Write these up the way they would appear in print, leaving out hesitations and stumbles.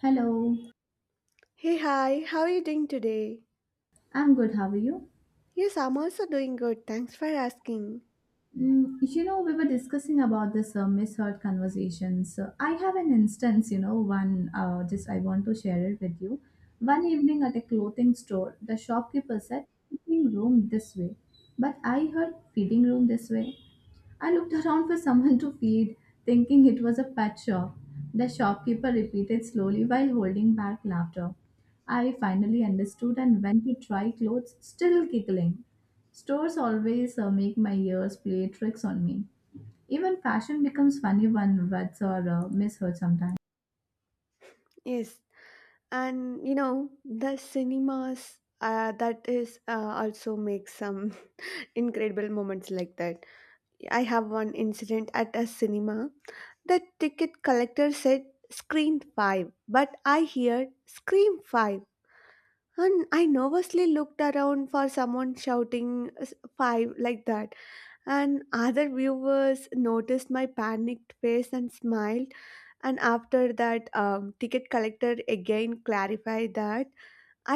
Hello, Hey, hi, how are you doing today? I'm good. How are you? Yes, I'm also doing good. Thanks for asking. We were discussing about this misheard conversations. So I have an instance, one just I want to share it with you. One evening at a clothing store, the shopkeeper said, "Fitting room this way," but I heard fitting room this way. I looked around for someone to feed, thinking it was a pet shop. The shopkeeper repeated slowly while holding back laughter. I finally understood and went to try clothes, still giggling. Stores always make my ears play tricks on me. Even fashion becomes funny when words are misheard sometimes. Yes, and you know, the cinemas that is also make some incredible moments like that. I have one incident at a cinema. The ticket collector said screen 5, but I heard scream 5. And I nervously looked around for someone shouting 5 like that. And other viewers noticed my panicked face and smiled. And after that, ticket collector again clarified that.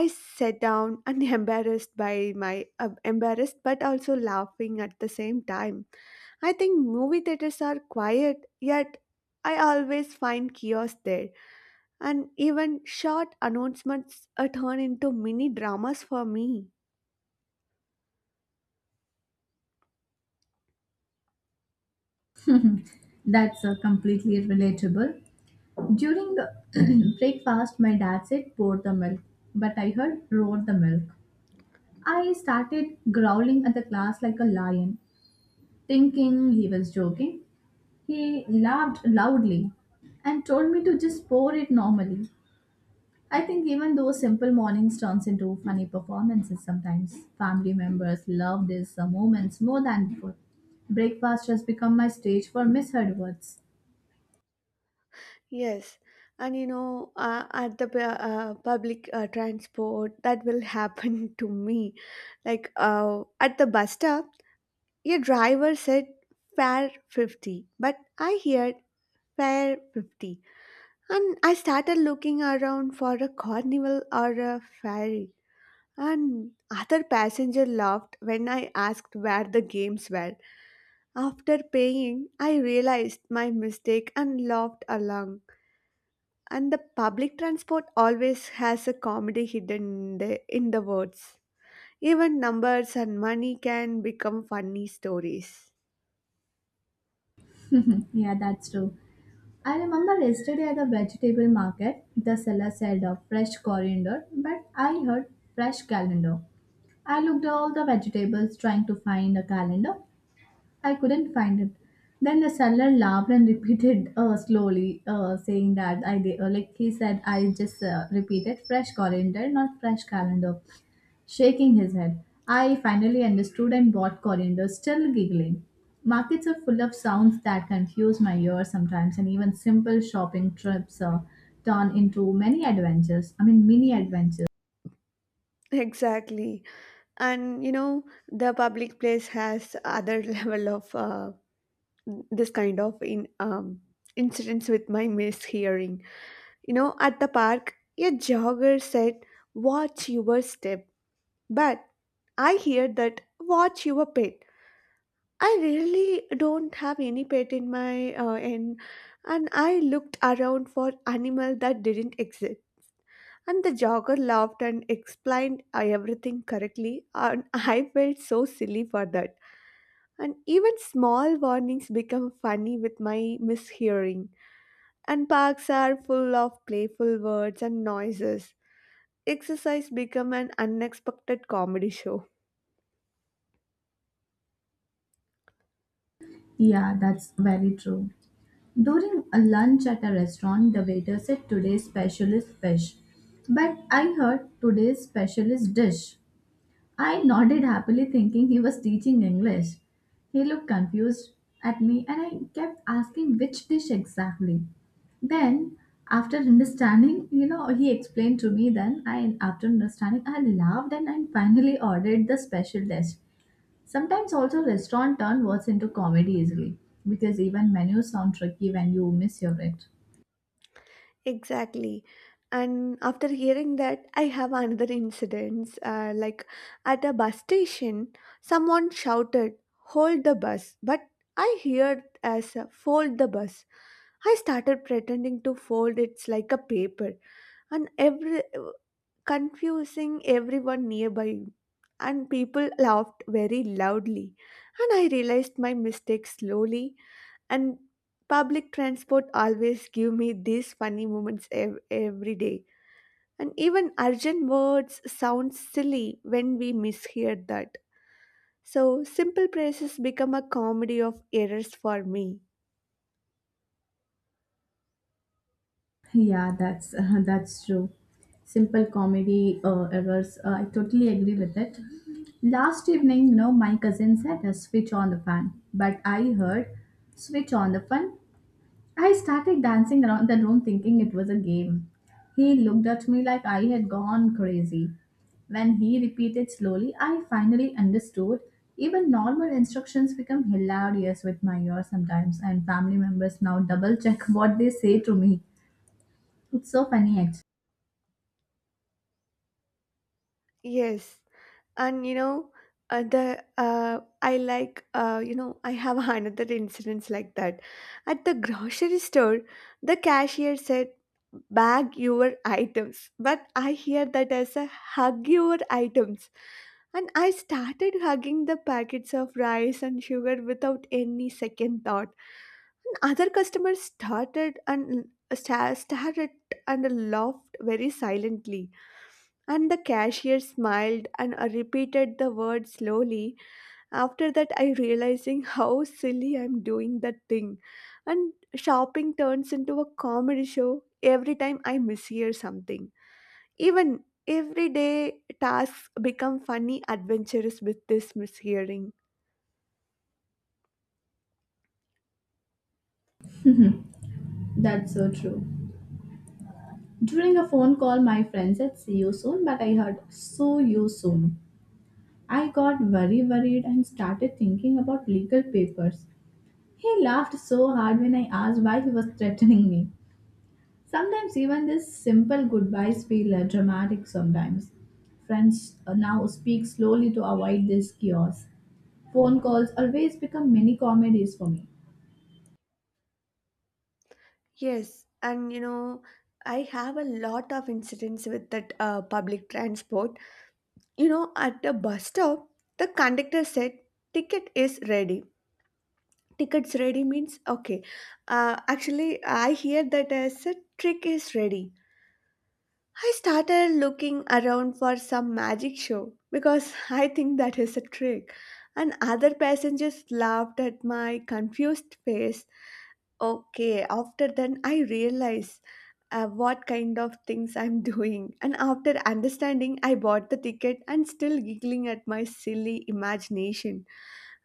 I sat down and embarrassed by my embarrassed but also laughing at the same time. I think movie theaters are quiet, yet I always find chaos there. And even short announcements turn into mini dramas for me. That's completely relatable. During the breakfast, my dad said pour the milk, but I heard roar the milk. I started growling at the class like a lion, thinking he was joking. He laughed loudly and told me to just pour it normally. I think even those simple mornings turns into funny performances sometimes. Family members love these moments more than before. Breakfast has become my stage for misheard words. Yes, and you know, at the public transport, that will happen to me. Like at the bus stop, your driver said fare 50, but I heard fare 50. And I started looking around for a carnival or a ferry. And other passenger laughed when I asked where the games were. After paying, I realized my mistake and laughed along, and the public transport always has a comedy hidden in the words. Even numbers and money can become funny stories. Yeah, that's true. I remember yesterday at the vegetable market, the seller said a fresh coriander, but I heard fresh calendar. I looked at all the vegetables trying to find a calendar. I couldn't find it. Then the seller laughed and repeated slowly, saying that I did, like he said, I just repeated fresh coriander, not fresh calendar. Shaking his head, I finally understood and bought coriander, still giggling. Markets are full of sounds that confuse my ears sometimes, and even simple shopping trips turn into many adventures. I mean, mini adventures. Exactly. And you know, the public place has other level of this kind of in incidents with my mishearing. You know, at the park, a jogger said, "Watch your step," but I hear that "Watch your pet." I really don't have any pet in my end, and I looked around for animal that didn't exist. And the jogger laughed and explained everything correctly, and I felt so silly for that. And even small warnings become funny with my mishearing. And parks are full of playful words and noises. Exercise become an unexpected comedy show. Yeah, that's very true. During a lunch at a restaurant, the waiter said today's special is fish, but I heard today's special is dish. I nodded happily, thinking he was teaching English. He looked confused at me, and I kept asking which dish exactly. Then, after understanding, he explained to me. Then, I, after understanding, I laughed and I finally ordered the special dish. Sometimes, also, restaurant turn words into comedy easily because even menus sound tricky when you mishear it. Exactly. And after hearing that, I have another incident. Like at a bus station, someone shouted, "Hold the bus." But I heard as a, "Fold the bus." I started pretending to fold it like a paper. And every confusing everyone nearby. And people laughed very loudly. And I realized my mistake slowly. And public transport always give me these funny moments every day. And even urgent words sound silly when we mishear that. So simple praises become a comedy of errors for me. Yeah, that's that's true. Simple comedy errors. I totally agree with it. Last evening, my cousin said, "Switch on the fan," but I heard, "Switch on the fan." I started dancing around the room, thinking it was a game. He looked at me like I had gone crazy. When he repeated slowly, I finally understood. Even normal instructions become hilarious with my ear sometimes, and family members now double check what they say to me. It's so funny actually. Yes, and you know the I like you know I have another incidents like that at the grocery store. The cashier said, "Bag your items," but I hear that as a, "Hug your items." And I started hugging the packets of rice and sugar without any second thought. And other customers started and stared at and laughed very silently. And the cashier smiled and I repeated the word slowly. After that, I realizing how silly I'm doing that thing. And shopping turns into a comedy show every time I mishear something. Even everyday tasks become funny adventures with this mishearing. That's so true. During a phone call, my friend said, "See you soon," but I heard, "So you soon." I got very worried and started thinking about legal papers. He laughed so hard when I asked why he was threatening me. Sometimes, even these simple goodbyes feel dramatic sometimes. Friends now speak slowly to avoid this chaos. Phone calls always become mini comedies for me. Yes, and you know, I have a lot of incidents with that public transport. You know, at the bus stop, the conductor said, "Ticket is ready." Tickets ready means okay. Actually, I hear that as a, "Trick is ready." I started looking around for some magic show because I think that is a trick. And other passengers laughed at my confused face. Okay, after then I realized what kind of things I'm doing. And after understanding, I bought the ticket and still giggling at my silly imagination.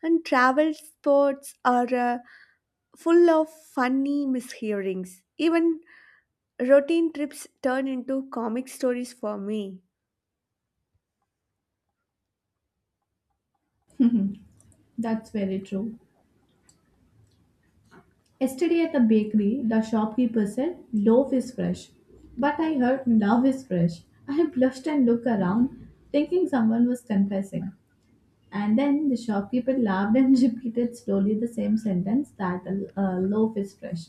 And travel sports are full of funny mishearings. Even routine trips turn into comic stories for me. That's very true. Yesterday at the bakery, the shopkeeper said, "Loaf is fresh." But I heard, "Love is fresh." I blushed and looked around, thinking someone was confessing. And then the shopkeeper laughed and repeated slowly the same sentence, that "a loaf is fresh."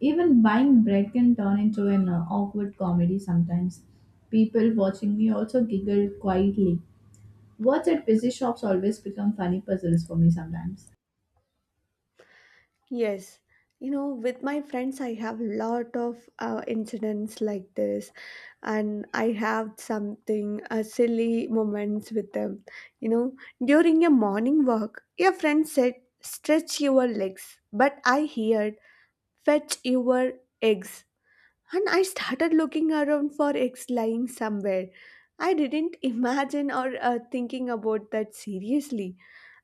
Even buying bread can turn into an awkward comedy sometimes. People watching me also giggled quietly. Words at busy shops always become funny puzzles for me sometimes. Yes, you know, with my friends, I have lot of incidents like this, and I have something silly moments with them. You know, during a morning walk, a friend said, "Stretch your legs," but I heard, "Fetch your eggs." And I started looking around for eggs lying somewhere. I didn't imagine or thinking about that seriously.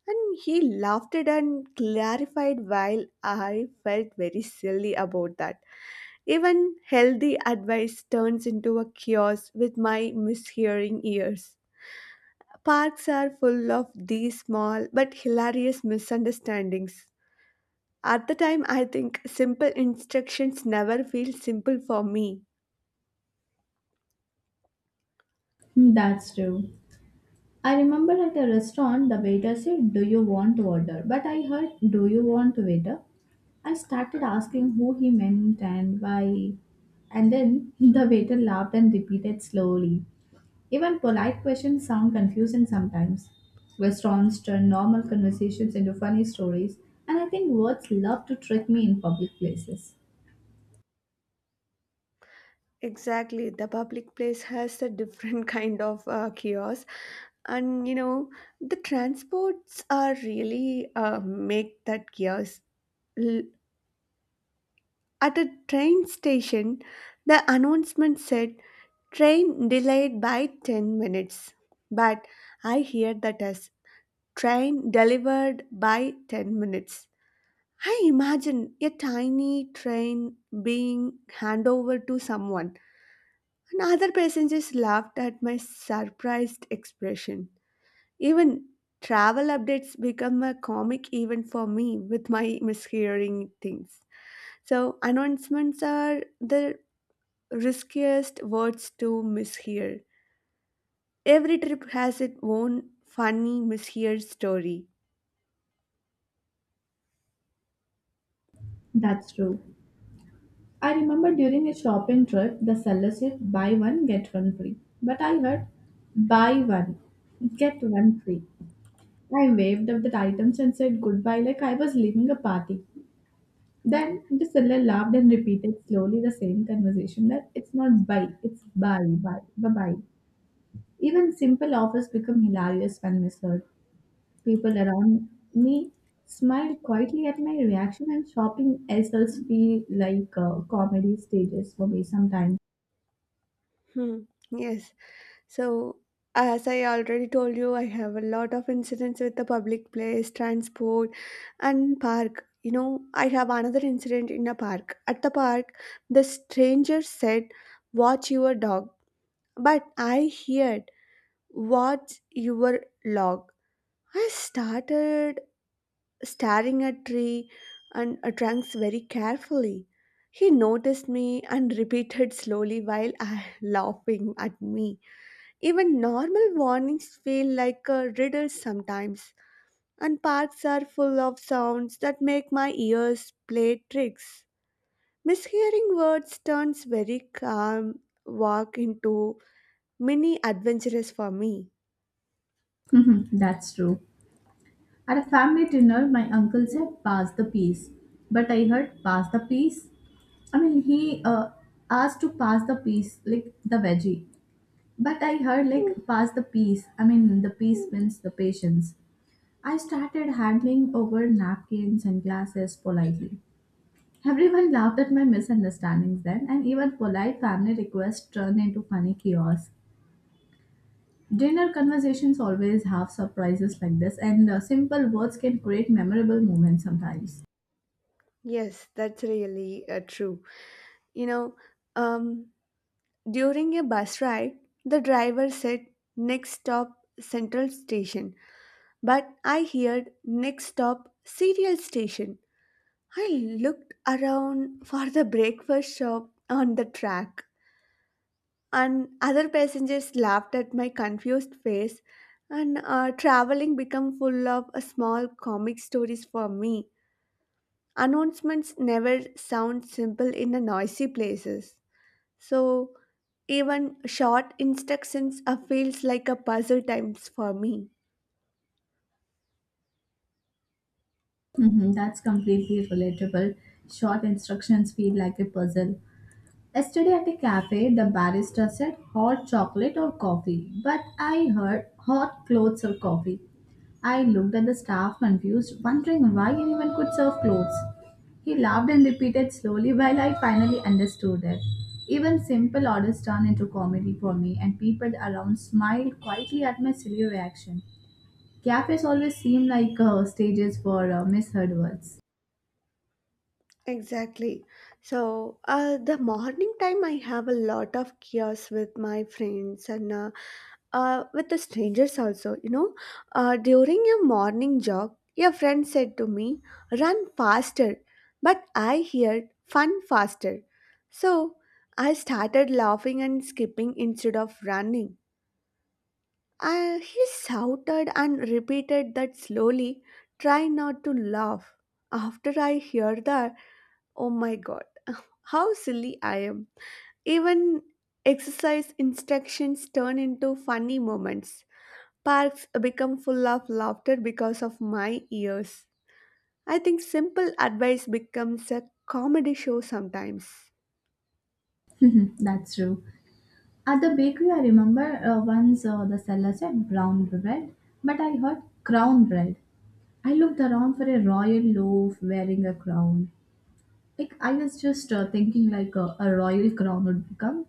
And he laughed it and clarified while I felt very silly about that. Even healthy advice turns into a chaos with my mishearing ears. Parks are full of these small but hilarious misunderstandings. At the time, I think simple instructions never feel simple for me. Hmm. That's true. I remember at a restaurant, the waiter said, "Do you want water?" But I heard, "Do you want waiter?" I started asking who he meant and why. And then the waiter laughed and repeated slowly. Even polite questions sound confusing sometimes. Restaurants turn normal conversations into funny stories, and I think words love to trick me in public places. Exactly, the public place has a different kind of chaos, and you know the transports are really make that chaos. L- At a train station, the announcement said, "Train delayed by 10 minutes," but I hear that as, "Train delivered by 10 minutes." I imagine a tiny train being handed over to someone, and other passengers laughed at my surprised expression. Even travel updates become a comic event for me with my mishearing things. So, announcements are the riskiest words to mishear. Every trip has its own funny mishear story. That's true. I remember during a shopping trip, the seller said, "Buy one get one free." But I heard, "Buy one get one free." I waved up the items and said goodbye like I was leaving a party. Then the seller laughed and repeated slowly the same conversation, that it's not buy, it's buy, buy, bye bye. Even simple offers become hilarious when misheard. People around me smiled quietly at my reaction, and shopping ourselves feel like comedy stages for me sometimes. Hmm. Yes. So, as I already told you, I have a lot of incidents with the public place, transport, and park. You know, I have another incident in a park. At the park, the stranger said, "Watch your dog." But I heard, "Watch your log." I started staring at tree and at trunks very carefully. He noticed me and repeated slowly while laughing at me. Even normal warnings feel like a riddle sometimes, and parks are full of sounds that make my ears play tricks. Mishearing words turns very calm walk into mini adventurous for me. That's true. At a family dinner, my uncle said, "Pass the peas." But I heard, "Pass the peas." I mean, he asked to pass the peas, like the veggie. But I heard, like, pass the peas. I mean, the peas means the patience. I started handing over napkins and glasses politely. Everyone laughed at my misunderstandings then, and even polite family requests turned into funny chaos. Dinner conversations always have surprises like this, and simple words can create memorable moments sometimes. Yes, that's really true. You know, um, during a bus ride, the driver said, "Next stop Central Station," but I heard, "Next stop Serial Station." I looked around for the breakfast shop on the track, and other passengers laughed at my confused face. And traveling became full of small comic stories for me. Announcements never sound simple in the noisy places, so even short instructions feels like a puzzle times for me. Hmm, that's completely relatable. Short instructions feel like a puzzle. Yesterday at a cafe, the barista said, "Hot chocolate or coffee?" But I heard, "Hot clothes or coffee?" I looked at the staff confused, wondering why anyone could serve clothes. He laughed and repeated slowly while I finally understood it. Even simple orders turned into comedy for me, and people around smiled quietly at my silly reaction. Cafes always seem like stages for misheard words. Exactly. So, the morning time, I have a lot of chaos with my friends and with the strangers also. You know, during a morning jog, your friend said to me, "Run faster," but I heard "fun faster," so I started laughing and skipping instead of running. He shouted and repeated that slowly. Try not to laugh. After I hear that, oh my god. How silly I am. Even exercise instructions turn into funny moments. Parks become full of laughter because of my ears. I think simple advice becomes a comedy show sometimes. That's true. At the bakery, I remember once the seller said brown bread, but I heard crown bread. I looked around for a royal loaf wearing a crown. Like I was just thinking like a royal crown would become.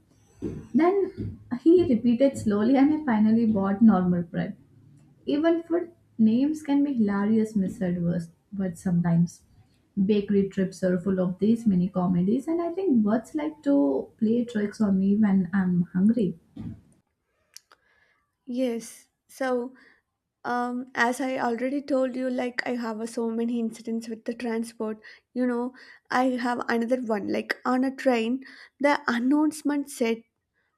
Then he repeated slowly and I finally bought normal bread. Even food names can be hilarious misheard words sometimes. Bakery trips are full of these mini comedies, and I think birds like to play tricks on me when I'm hungry. Yes. So, as I already told you, like I have so many incidents with the transport. You know, I have another one. Like on a train, the announcement said,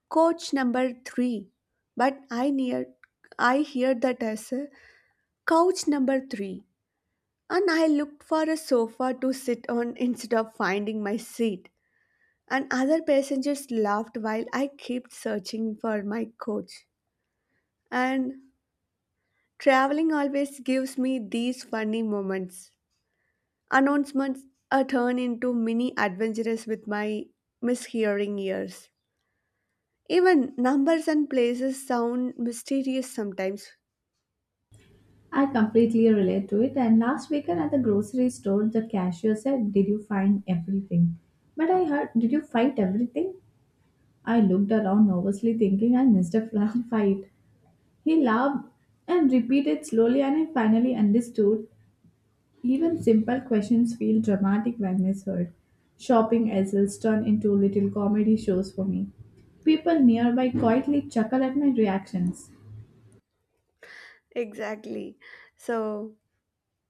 "Coach number three." But I hear that as a, "Couch number three." And I looked for a sofa to sit on instead of finding my seat. And other passengers laughed while I kept searching for my coach. And traveling always gives me these funny moments. Announcements are turned into mini adventures with my mishearing ears. Even numbers and places sound mysterious sometimes. I completely relate to it. And last weekend at the grocery store, the cashier said, "Did you find everything?" But I heard, "Did you fight everything?" I looked around nervously, thinking I missed a flag fight. He laughed and repeated slowly, and I finally understood. Even simple questions feel dramatic when misheard. Shopping essels turn into little comedy shows for me. People nearby quietly chuckle at my reactions. Exactly. So,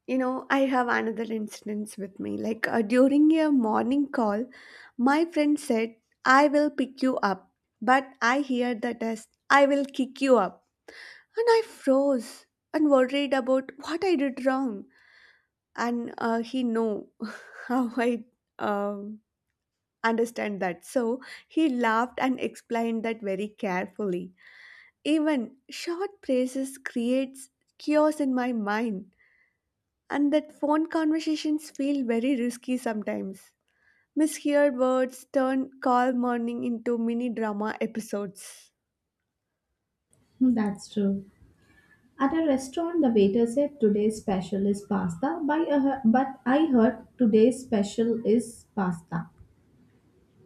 you know, I have another instance with me. Like during a morning call, my friend said, "I will pick you up." But I heard the test, "I will kick you up." And I froze and worried about what I did wrong. And he know how I um, understand that. So he laughed and explained that very carefully. Even short praises creates chaos in my mind, and that phone conversations feel very risky sometimes. Misheard words turn call morning into mini drama episodes. Hmm. That's true. At a restaurant, the waiter said today's special is pasta, but I heard today's special is pasta.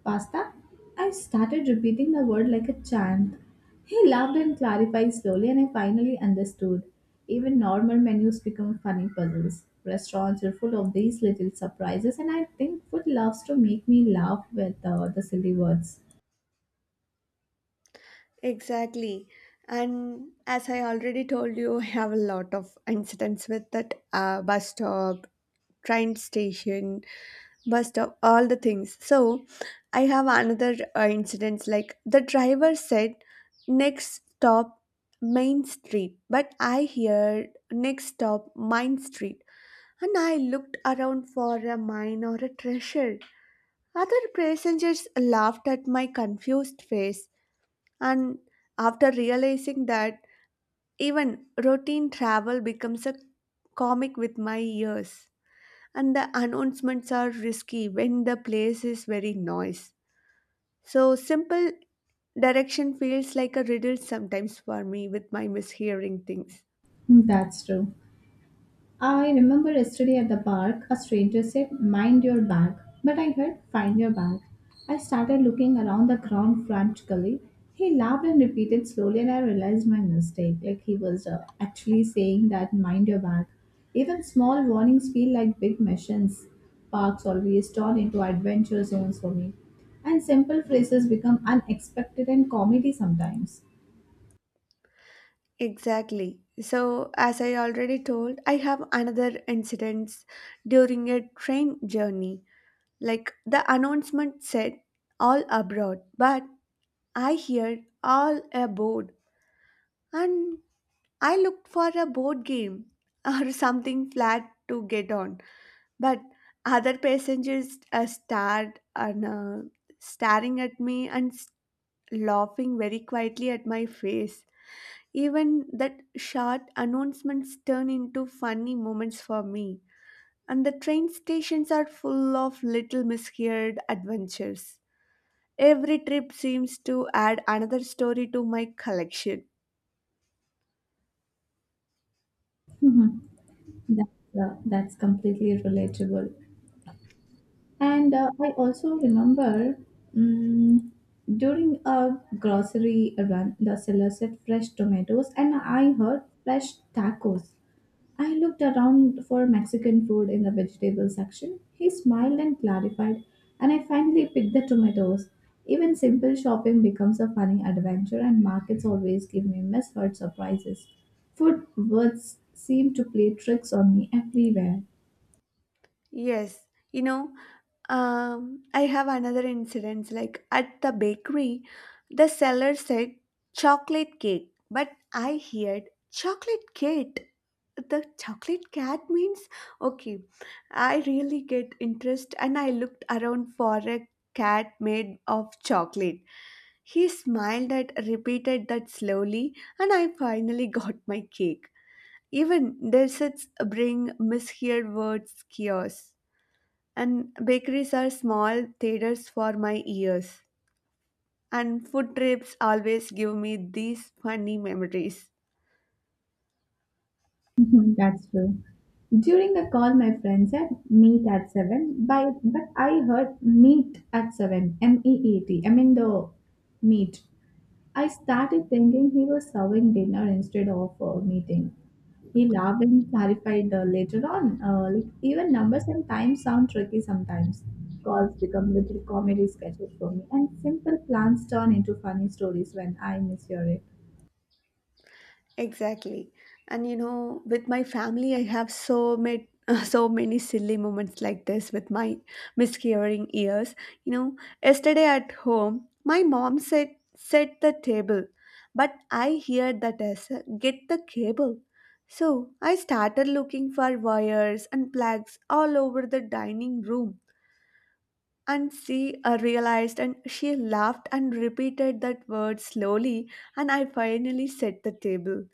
Pasta? I started repeating the word like a chant. He laughed and clarified slowly, and I finally understood. Even normal menus become funny puzzles. Restaurants are full of these little surprises, and I think food loves to make me laugh with the silly words. Exactly. And as I already told you, I have a lot of incidents with that bus stop, train station, bus stop, all the things. So I have another incidents like the driver said, "Next stop, Main Street." But I heard, "Next stop, Mine Street." And I looked around for a mine or a treasure. Other passengers laughed at my confused face, and after realizing that, even routine travel becomes a comic with my ears, and the announcements are risky when the place is very noise. So simple direction feels like a riddle sometimes for me with my mishearing things. Hmm. That's true. I remember yesterday at the park, a stranger said, "Mind your bag." But I heard, "Find your bag." I started looking around the ground frantically. He laughed and repeated slowly, and I realized my mistake. Like he was actually saying that, "Mind your bag." Even small warnings feel like big missions. Parks always turn into adventure zones for me. And simple phrases become unexpected and comedy sometimes. Exactly. So, as I already told, I have another incident during a train journey. Like the announcement said, "All abroad," but I heard "all aboard," and I looked for a board game or something flat to get on. But other passengers stared and staring at me and laughing very quietly at my face. Even that short announcements turn into funny moments for me. And the train stations are full of little misheard adventures. Every trip seems to add another story to my collection. That's completely relatable. And I also remember mm during a grocery run, the seller said fresh tomatoes, and I heard fresh tacos. I looked around for Mexican food in the vegetable section. He smiled and clarified, and I finally picked the tomatoes. Even simple shopping becomes a funny adventure, and markets always give me misheard surprises. Food words seem to play tricks on me everywhere. Yes, you know, I have another incident. Like at the bakery, the seller said chocolate cake, but I heard chocolate cake. The chocolate cat means okay, I really get interest and I looked around for a cat made of chocolate. He smiled at repeated that slowly and I finally got my cake. Even desserts bring misheard words kiosks, and bakeries are small theaters for my ears, and food trips always give me these funny memories. Mhm. That's true. During the call, my friend said meet at 7, but I heard meet at 7, meet, I mean the meet. I started thinking he was serving dinner instead of a meeting. He laughed and clarified later on. Like even numbers and times sound tricky sometimes. Calls become little comedy sketches for me, and simple plans turn into funny stories when I mishear it. Exactly. And with my family, I have so many so many silly moments like this with my miscarrying ears. You know, yesterday at home, my mom said set the table, but I heard that as a, get the cable. So I started looking for wires and plugs all over the dining room. And she realized and she laughed and repeated that word slowly, and I finally set the table.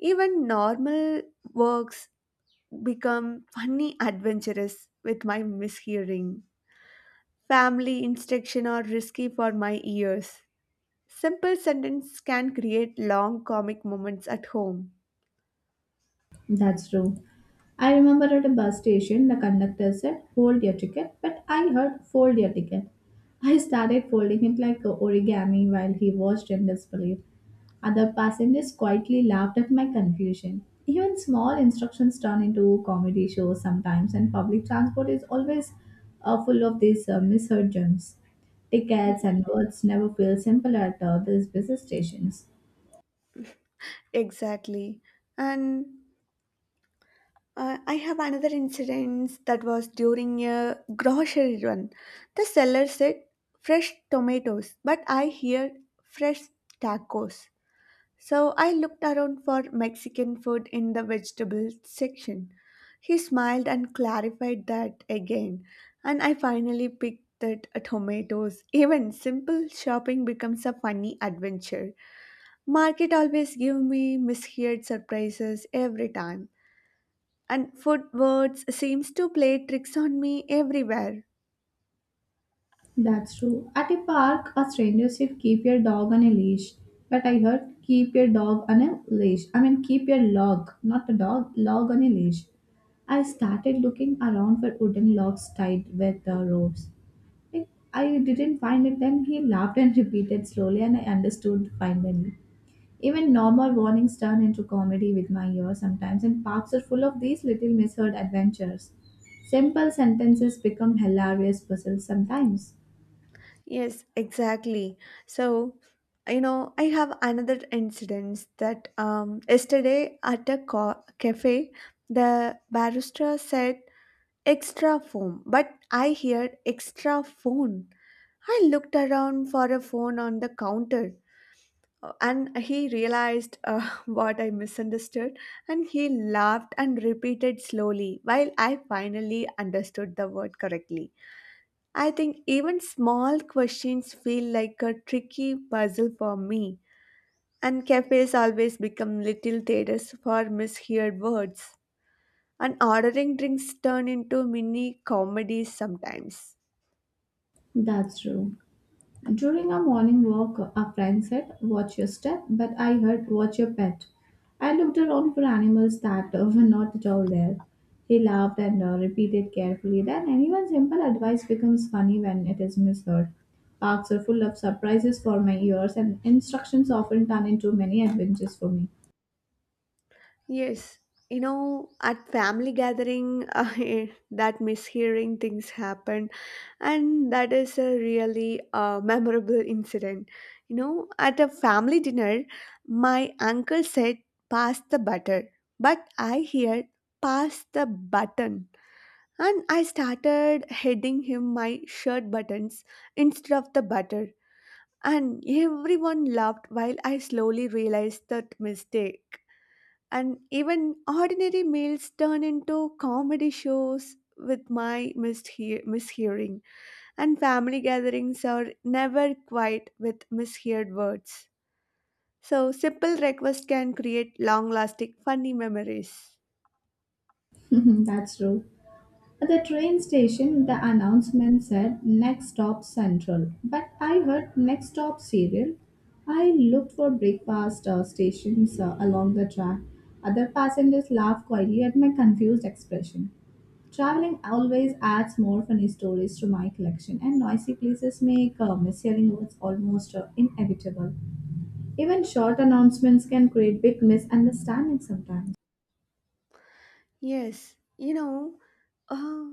Even normal works become funny adventurous with my mishearing. Family instruction are risky for my ears. Simple sentence can create long comic moments at home. That's true. I remember at a bus station, the conductor said, "Fold your ticket," but I heard, "Fold your ticket." I started folding it like a origami while he watched in disbelief. Other passengers quietly laughed at my confusion. Even small instructions turn into comedy shows sometimes, and public transport is always full of these misheard gems. Tickets and words never feel simple at these busy stations. Exactly. And I have another incident that was during a grocery run. The seller said fresh tomatoes, but I hear fresh tacos. So I looked around for Mexican food in the vegetable section. He smiled and clarified that again, and I finally picked that tomatoes. Even simple shopping becomes a funny adventure. Market always give me misheard surprises every time, and food words seems to play tricks on me everywhere. That's true. At a park, a stranger said, "Keep your dog on a leash." But I heard, "Keep your dog on a leash." I mean, keep your log, not the dog, log on a leash. I started looking around for wooden logs tied with ropes. Like, I didn't find it, then he laughed and repeated slowly, and I understood finally. Even normal warnings turn into comedy with my ears sometimes, and parks are full of these little misheard adventures. Simple sentences become hilarious puzzles sometimes. Yes, exactly. So, I have another incident that yesterday at a cafe, the barista said extra foam, but I heard extra phone. I looked around for a phone on the counter and he realized what I misunderstood and he laughed and repeated slowly while I finally understood the word correctly. I think even small questions feel like a tricky puzzle for me, and cafes always become little theaters for misheard words, and ordering drinks turn into mini comedies sometimes. That's true. During a morning walk, a friend said, "Watch your step," but I heard, "Watch your pet." I looked around for animals that were not at all there. He laughed and repeated carefully that anyone's simple advice becomes funny when it is misheard. Parks are full of surprises for my ears, and instructions often turn into many adventures for me. Yes, at family gathering, that mishearing things happen and that is a really memorable incident. You know, at a family dinner my uncle said pass the butter, but I heard pass the button, and I started heading him my shirt buttons instead of the butter, and everyone laughed while I slowly realized that mistake. And even ordinary meals turn into comedy shows with my mishearing, and family gatherings are never quiet with misheard words. So, simple requests can create long lasting funny memories. That's true. At the train station, the announcement said next stop Central, but I heard next stop Serial. I looked for breakfast stations along the track. Other passengers laughed quietly at my confused expression. Traveling always adds more funny stories to my collection, and noisy places make mishearing words almost inevitable. Even short announcements can create big misunderstandings sometimes. Yes, uh,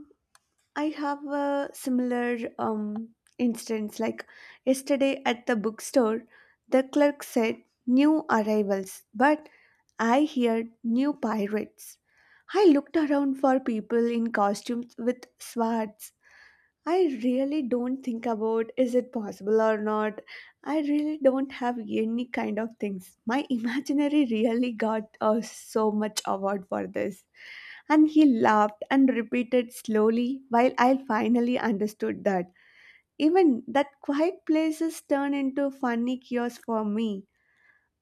I have a similar instance. Like yesterday at the bookstore, the clerk said new arrivals, but I heard new pirates. I looked around for people in costumes with swords. I really don't think about is it possible or not. I really don't have any kind of things. My imaginary really got so much award for this. And he laughed and repeated slowly while I finally understood that. Even that quiet places turn into funny kiosks for me.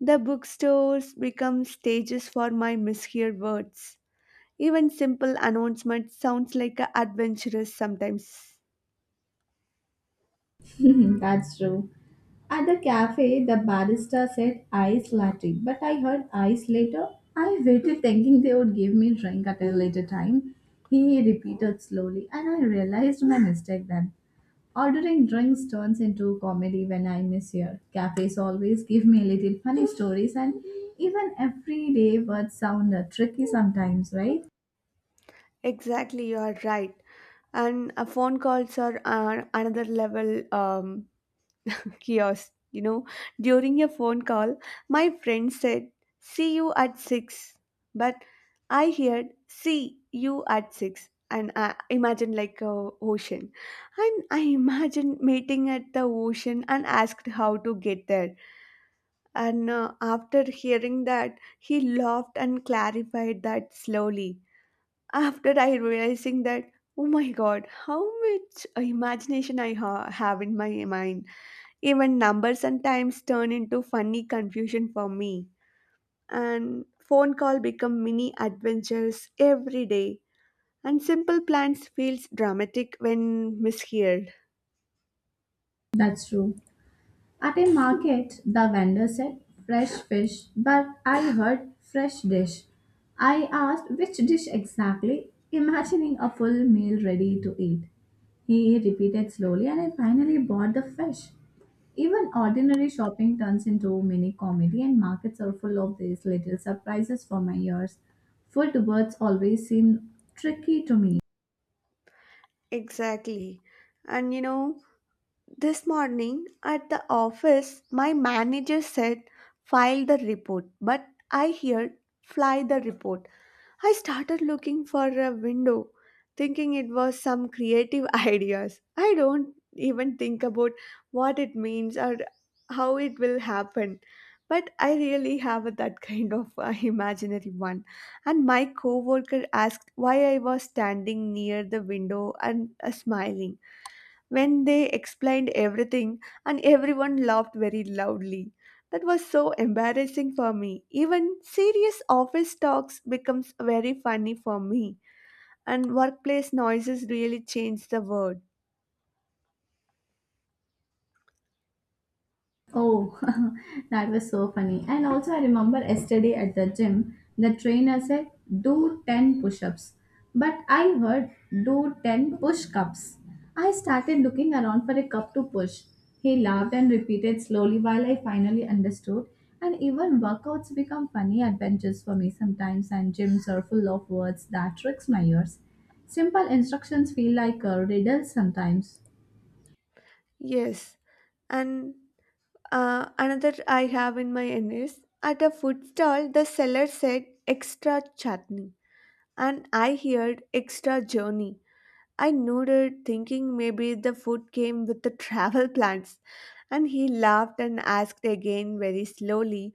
The bookstores become stages for my misheard words. Even simple announcement sounds like a adventurous sometimes. That's true. At the cafe, the barista said ice latte, but I heard ice later. I waited thinking they would give me drink at a later time. He repeated slowly, and I realized my mistake then. Ordering drinks turns into comedy when I miss here. Cafes always give me little funny stories, and even everyday words sound tricky sometimes, right? Exactly, you are right. And phone calls are another level kiosk. You know, during a phone call my friend said, "See you at six," but I heard, "See you at 6," and I imagined like a ocean, and I imagined meeting at the ocean and asked how to get there. And after hearing that he laughed and clarified that slowly. After I realizing that, oh my god, how much imagination I have in my mind. Even numbers sometimes turn into funny confusion for me. And phone call become mini adventures every day. And simple plans feels dramatic when misheard. That's true. At a market, the vendor said fresh fish, but I heard fresh dish. I asked which dish exactly, imagining a full meal ready to eat. He repeated slowly, and I finally bought the fish. Even ordinary shopping turns into mini comedy, and markets are full of these little surprises for my ears. Food words always seem tricky to me. Exactly. And this morning at the office, my manager said, file the report. But I heard, fly the report. I started looking for a window, thinking it was some creative ideas. I don't even think about what it means or how it will happen. But I really have that kind of imaginary one. And my coworker asked why I was standing near the window and smiling when they explained everything, and everyone laughed very loudly. That was so embarrassing for me. Even serious office talks becomes very funny for me, and workplace noises really change the word. Oh, that was so funny. And also, I remember yesterday at the gym, the trainer said, "Do 10 push ups." But I heard, "Do 10 push cups." I started looking around for a cup to push. He laughed and repeated slowly while I finally understood. And even workouts become funny adventures for me sometimes, and gyms are full of words that tricks my ears. Simple instructions feel like riddles sometimes. Yes. And another I have in my end. At a food stall the seller said extra chutney, and I heard extra journey. I nodded thinking maybe the food came with the travel plans. And he laughed and asked again very slowly,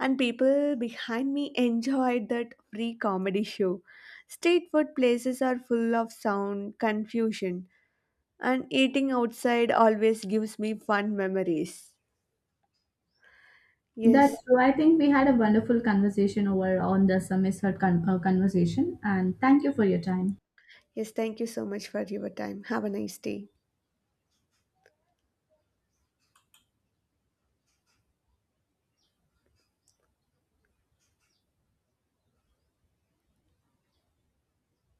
and people behind me enjoyed that free comedy show. Street food places are full of sound, confusion, and eating outside always gives me fun memories. Yes, That's true. I think we had a wonderful conversation over on the Summit Circle conversation, and thank you for your time. yes, thank you so much for your time. Have a nice day.